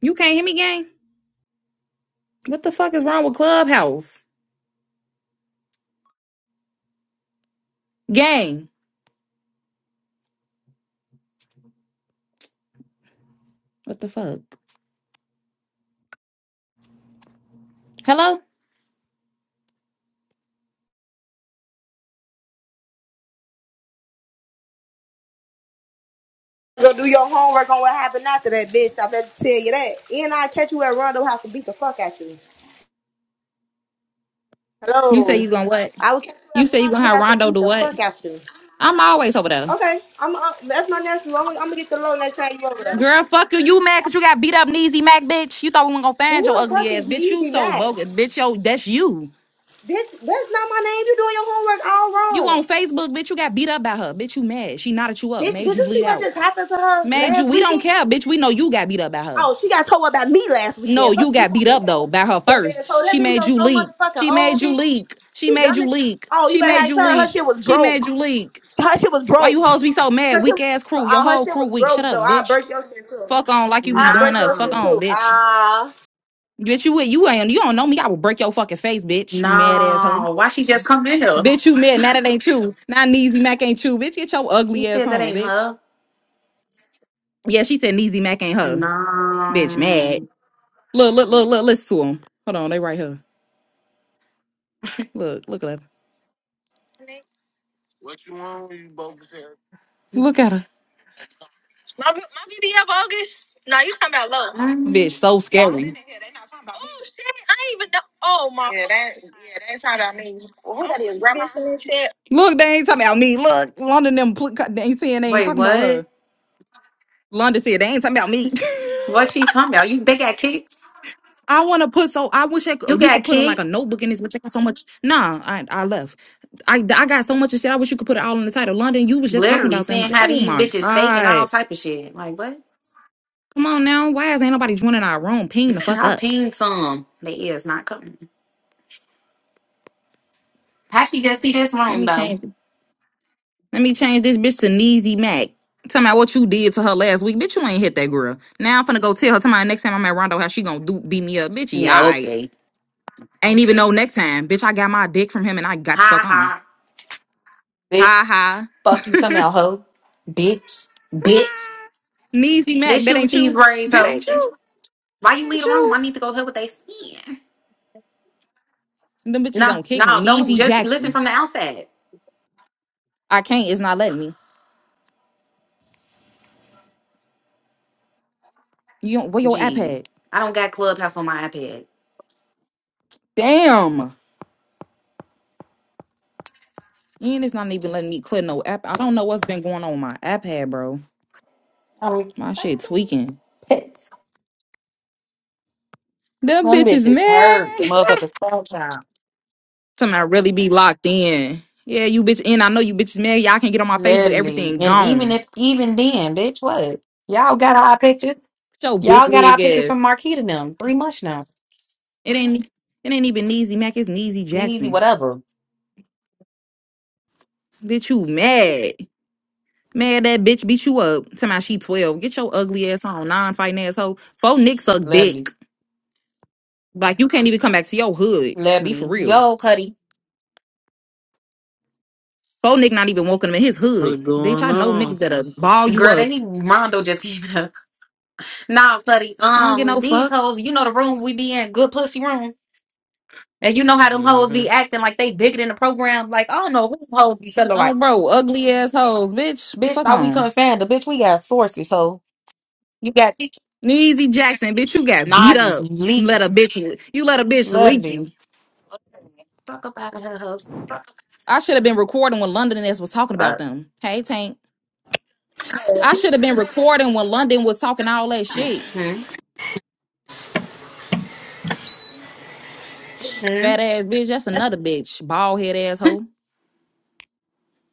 You can't hear me, gang? What the fuck is wrong with Clubhouse? Gang. What the fuck? Hello? Go do your homework on what happened after that, bitch. I better tell you that. And I catch you at Rondo House to beat the fuck out you. You say Hello. you gonna what? I will catch you at You say you gonna Rondo have House to Rondo beat do the what? fuck out you. I'm always over there. Okay, I'm uh, that's my nephew. I'm, gonna- I'm gonna get the low next time you over there. Girl, fuck you. You mad because you got beat up Neasy Mac, bitch. You thought we weren't gonna Who find your the fuck ugly ass. is Bitch, you Needy so Mac? bogus. Bitch, yo, that's you. Bitch, that's not my name. You're doing your homework all You wrong. on Facebook, bitch. You got beat up by her. Bitch, you mad. She knotted you up, Bitch, made did you you see bleed what out. just happened to her Made you. last We weekend? don't care, bitch. We know you got beat up by her. Oh, she got told about me last No, weekend. Fuck you you got beat talking up though about? by her Dumbass first. told that She made video you so leak. motherfucking She old, made you bitch. leak. She You made dumb you as- leak. Oh, you She better made have you tell her her leak. shit was She made broke. you leak. Her shit was Why you broke. hoes be so Her mad? Weak shit, ass crew. Your oh, her whole shit crew was weak. Shut broke up, though. I bitch. break your shit too. Fuck on like you be I doing break your us. Fuck shit No, on, too. bitch. Ah. Bitch, you you ain't you don't know me. I will break your fucking face, bitch. You mad ass hoe. no. Why she just come in here? Bitch, you mad. Now that ain't you. Now Neezy Mac ain't you. Bitch, get your She ugly ass said that home, ain't bitch. her. Yeah, she said Neezy Mac ain't her. Bitch, mad. No. Look, look, look, look, listen to him. Hold on, they right here. Look, look at her. Look at her. Mm. Bitch, so scary. Look, they ain't talking about me. Look, London them pl- they ain't saying they ain't Wait, talking about what? her. London said they ain't talking about me. What she talking about? You they got kicked? I want to put so I wish I You could, you got could put a, like a kicked? notebook in this, but I got so much. Nah, I I left. I I got so much of shit. I wish you could put it all in the title. London, you was just talking Literally about them. seeing how Oh these my bitches fake and all god! type of shit. Like what? Come on now, why is ain't nobody joining our room? Ping the fuck I up. pinged some. They is not coming. How she just see this Let room me though? change. Let me change this bitch to Neezy Mac. Tell me what you did to her last week. Bitch, you ain't hit that girl. Now I'm finna go tell her Tell tomorrow next time I'm at Rondo how she gonna do beat me up. Bitch, yeah, Yeah, alright. okay. Ain't even no next time. Bitch, I got my dick from him and I got the Ha fuck on. ha. Bitch, Ha ha. fuck you somehow, hoe. Bitch, bitch. Neezy Mac, This that shit with ain't these you. braids, That hoe. ain't you. Why you That leave ain't the room? I you. need to go help with they skin. Them bitches No, gonna kick me. no, don't Neezy just listen Jackson. from the outside. I can't, it's not letting me. You don't where your app Gee, at? I don't got Clubhouse on my iPad. Damn. And it's not even letting me click no app. I don't know what's been going on with my app pad, bro. I'm My fucking shit tweaking. pissed. Them Them bitches bitches mad. hurt, motherfuckers. Phone time, Something I really be locked in. Yeah, you bitch. And I know you bitches mad. Y'all can get on my Facebook. literally. Everything And even gone. if, even then, bitch, what? Y'all got our pictures. Show big Y'all got our wig pictures from ass. Marquita and them three months now. It ain't. e, It ain't even Neasy Mac. It's Neasy Me Easy, Jackson. whatever. Bitch, you What's mad? Mad that bitch beat you up. Tell me she twelve. Get your ugly ass on non fighting asshole. Faux Nick suck Literally, dick. Like you can't even come back to your hood. Be for literally. real. Yo, Cuddy. Faux Nick not even welcome in his hood. Bitch, going I know niggas on? that'll ball you Girl, that up. he Rondo just came up. Nah, Cuddy. I don't get Um, no these fuck. hoes, you know the room we be in, good pussy room. And you know how them hoes hmm be acting like they bigger than the program. Like, I don't know who them hoes be feeling like, Oh, bro, ugly ass hoes, bitch. bitch, Fuck thought we on. couldn't find the bitch. We got sources. So you got teachers Neezy Jackson, bitch, you got beat naughty, up. leaky, Let a bitch you let a bitch leak lovely. you. Fuck up out of her hoes. I should have been recording when London S was talking about Fuck. them. Hey Tank. I should have been recording when London was talking all that shit. Mm-hmm. hmm Fat ass bitch, that's another bitch. Bald head asshole.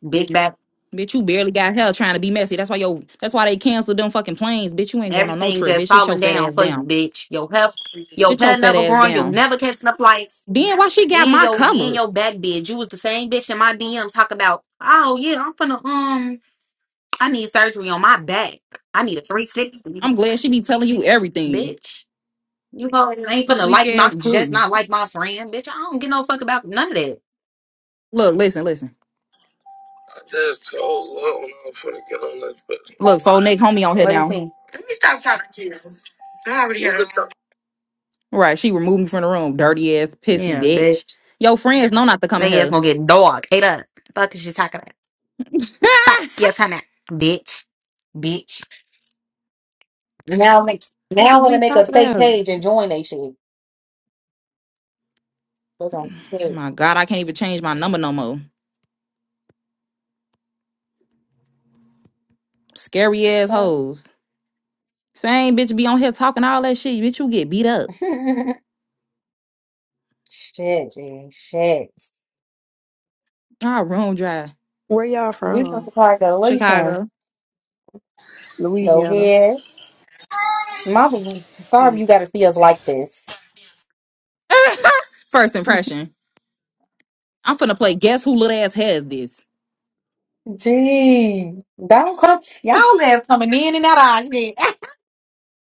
Big back. Bitch, you barely got hell trying to be messy. That's why yo that's why they canceled them fucking planes. Bitch, you ain't going on no Everything trip. just Bitch, sit your falling fat down ass for you, down. bitch. Your health, your Sit your pet fat never ass growing, you'll down. never catching up lights. Then why she got And my your in color? your back bitch. You was the same bitch in my DMs talk about, oh yeah, I'm finna um I need surgery on my back. I need a 360, I'm glad she be telling you everything. bitch. You hoes ain't finna Weak like my ass just crew. not like my friend, bitch. I don't give no fuck about none of that. Look, listen, listen. Look, faux neck homie on here What do you now. think? Right. She removed me from the room. Dirty ass, pissy Yeah, bitch. bitch. Yo, friends know not to come in They ass here. gonna get dog ate up. Fuck is she talking about? Fuck yes, I'm at bitch, bitch. Now make Fuck now I is wanna we make a talking fake about? page and join they shit. Fuck. on, shit. My God, I can't even change my number no more. Scary ass What? hoes. Same bitch be on here talking all that shit. Bitch, you get beat up. shit, G. Shit. Ah, room dry. Where y'all We from from? Chicago. Where you from? Chicago. Go Louisiana. ahead. Mama, sorry you gotta see us like this. First impression. I'm finna play guess who little ass has this. Gee, don't come. Y'all live coming in and out of our shit.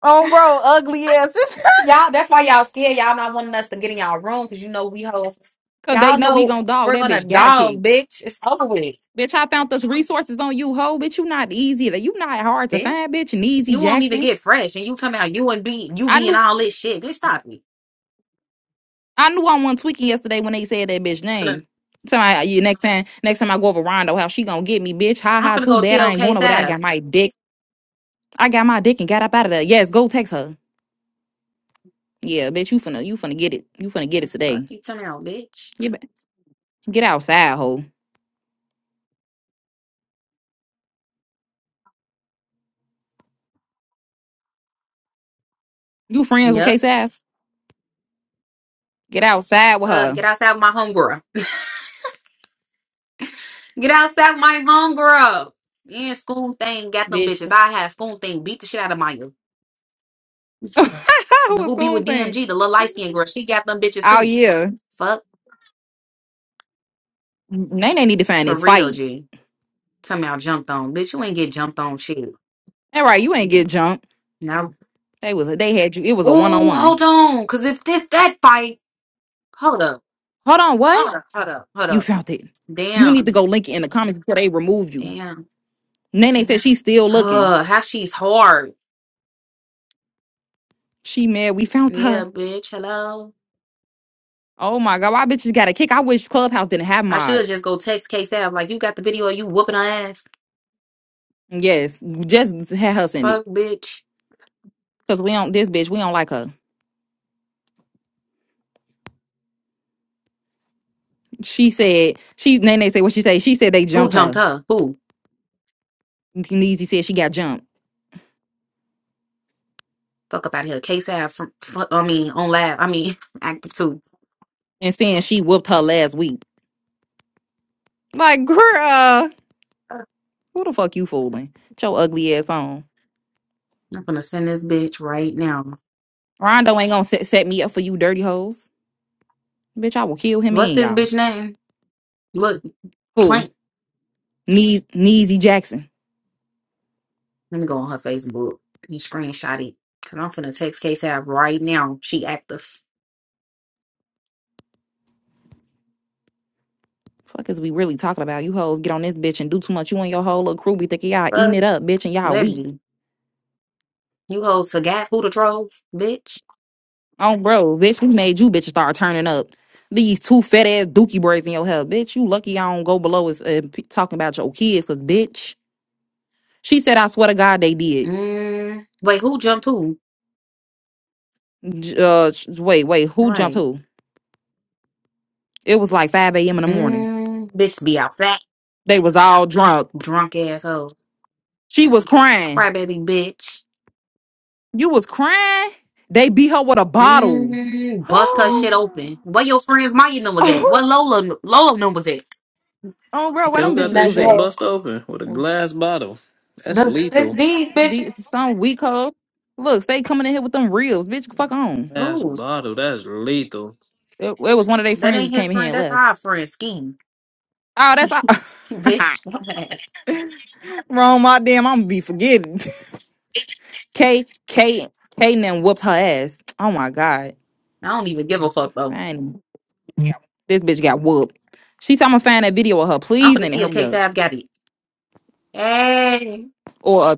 oh, bro, ugly ass. y'all, that's why y'all scared. Y'all not wanting us to get in y'all room because you know we hold. Cause they Y'all know we know gon' dog. we're That gonna bitch got to kick. dog, bitch. It's over with. Bitch, I found those resources on you, hoe. Bitch, you not easy. You not hard to Bitch. find, bitch. And easy You won't even Jackson. get fresh, and you talking about you and be you I being knew all this shit. Bitch, stop me. I knew I wasn't tweaking yesterday when they said that bitch I'm finna, name. Tell my you next time next time I go over Rondo, how she gonna get me, bitch. Ha I'm ha, finna too go bad I tell ain't K going over there. I Sav. got my dick. I got my dick and got up out of there. Yes, go text her. Yeah, bitch, you finna you finna get it. You finna get it Fuck today. you, turn out, bitch. Get ba- get outside, hoe. You friends with K Yep. Saf? Get outside with Fuck, her, get outside with my homegirl. Get outside with my homegirl. And school thing got them bitches. bitch. I had school thing beat the shit out of Maya. What's Who be going with thing? DMG, the little light skinned girl? She got them bitches Oh too. yeah. Fuck They they need to find for this real, fight. G. Tell me I jumped on, bitch. You ain't get jumped on shit. All right, you ain't get jumped. Now, They was they had you. It was a one on oh, one. hold on, cause if this that fight, hold up, Hold on, what? hold up, hold You up. found it. You need Damn, to go link it in the comments before they remove you. damn. Nene said she's still looking. Huh, how she's hard. She mad we found Yeah, her. bitch. Hello. Oh my god, why bitches got a kick? I wish Clubhouse didn't have I should mods. just go text Case App like you got the video of you whooping her ass. Yes, just had her send it. Fuck, bitch. Cause we don't this bitch, we don't like her. She said she Nene said what she said. She said they Who jumped jumped her. her? Who? Neezy said she got jumped. Fuck up out here. Case App from. fu- I mean, on lab. I mean, active too. And saying she whooped her last week. Like, girl, who the fuck you fooling? Get your ugly ass on. I'm gonna send this bitch right now. Rondo ain't gonna set, set me up for you dirty hoes. Bitch, I will kill him What's in, this bitch y'all. name? Look, Plank. Knee Neesy Jackson. Let me go on her Facebook and screenshot it. Cause I'm finna text K Sav right now. She active. Fuck is we really talking about? You hoes get on this bitch and do too much. You and your whole little crew be thinking y'all eating Fuck. it up, bitch, and y'all weak. Literally. You hoes forgot who to troll, bitch. Oh, bro, bitch, we made you bitches start turning up. These two fat ass dookie braids in your hair, bitch. You lucky I don't go below us uh, p- talking about your kids, cause bitch. She said, I swear to God, they did. Mm. Wait, who jumped who? J- Uh, sh- wait, wait, who jumped Right. who? It was like 5 a.m. in the morning. Mm. Bitch be out fat, They was all drunk. drunk asshole. She was crying. Crybaby bitch. You was crying? They beat her with a bottle. Mm. Bust her shit open. What your friends Maya numbers at? Oh, What Lola Lola numbers at? Oh, They bro, where don't them got bitches Now their was you shit at? hoes. bust open with a glass bottle. That's This, this, lethal. these The bitches. some weak hoe. Look, stay coming in here with them reels, bitch. Fuck on. Glass Who? bottle. That's lethal. It, it was one of their That friends just ain't his came in here friend. and That's left. our friend, Scheme. Oh, that's all. Bitch, my ass. wrong. My damn, I'm gonna be forgetting. K K K then whooped her ass. Oh my god, I don't even give a fuck, though. fine. This bitch got whooped. She said I'm gonna find that video of her. I'm Please, finna Nanny, see if hurry K up. Sav got it. Hey, Or a,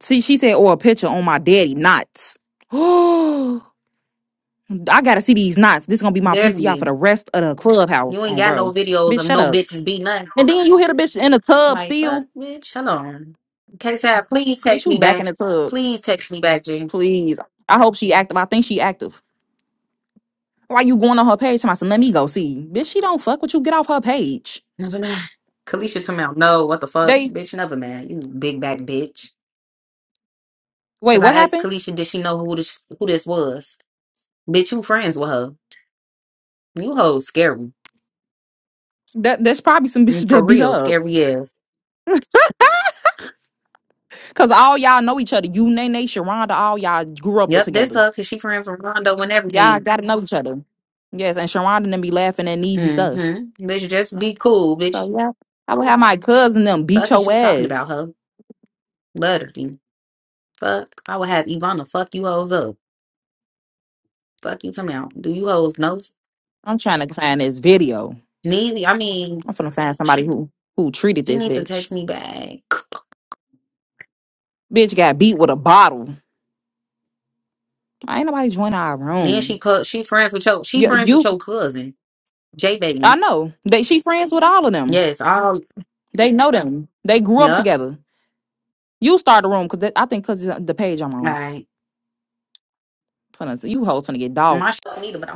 see, she said, or a picture on my daddy knots. Oh, I gotta see these knots. This is gonna be my PCI for the literally. rest of the You clubhouse. ain't On got no bro, videos bitch, of shut no up. bitches beating nothing. And then you hit a bitch in the tub Like, fuck, still. bitch, hold on. K Sav, please Bitch, text you me back in back. the tub. Please text me back, G. Please. I hope she active. I think she active. Why you going on her page? I said, let me go see. Bitch, she don't fuck with you. Get off her page. Never mind. Kalisha to me, no, what the fuck? They Bitch, never mind. You big back bitch. wait, Cause what I asked happened? Kalisha, did she know who this, who this was? Bitch, you friends with her. You hoes scary. That that's probably some bitches And For that beat real, her up. scary ass. Cause all y'all know each other. You Nene, Sharonda, all y'all grew up Yep, that's together. her because she friends with Rondo and Y'all everything. gotta know each other. Yes, and Sharonda then be laughing at easy stuff. Mm-hmm. Bitch, just be cool, bitch. So yeah. I would have my cousin them beat Fuck is your you talking ass. about her? Literally. Fuck. I would have Ivana fuck you hoes up. Fuck you come out. Do you hoes know? I'm trying to find this video. Need I mean I'm finna find somebody she, who who treated she this need to bitch. text me back. Bitch got beat with a bottle. Like, Ain't nobody join our Then she room. cut she friends with your she You, friends with you your cousin. J I baby. know. They she friends with all of them. Yes, all They know them. They grew up yep. together. You start the room because I think because the page I'm All on. right. Finna- You hoes finna get dogs. My shit's neither, but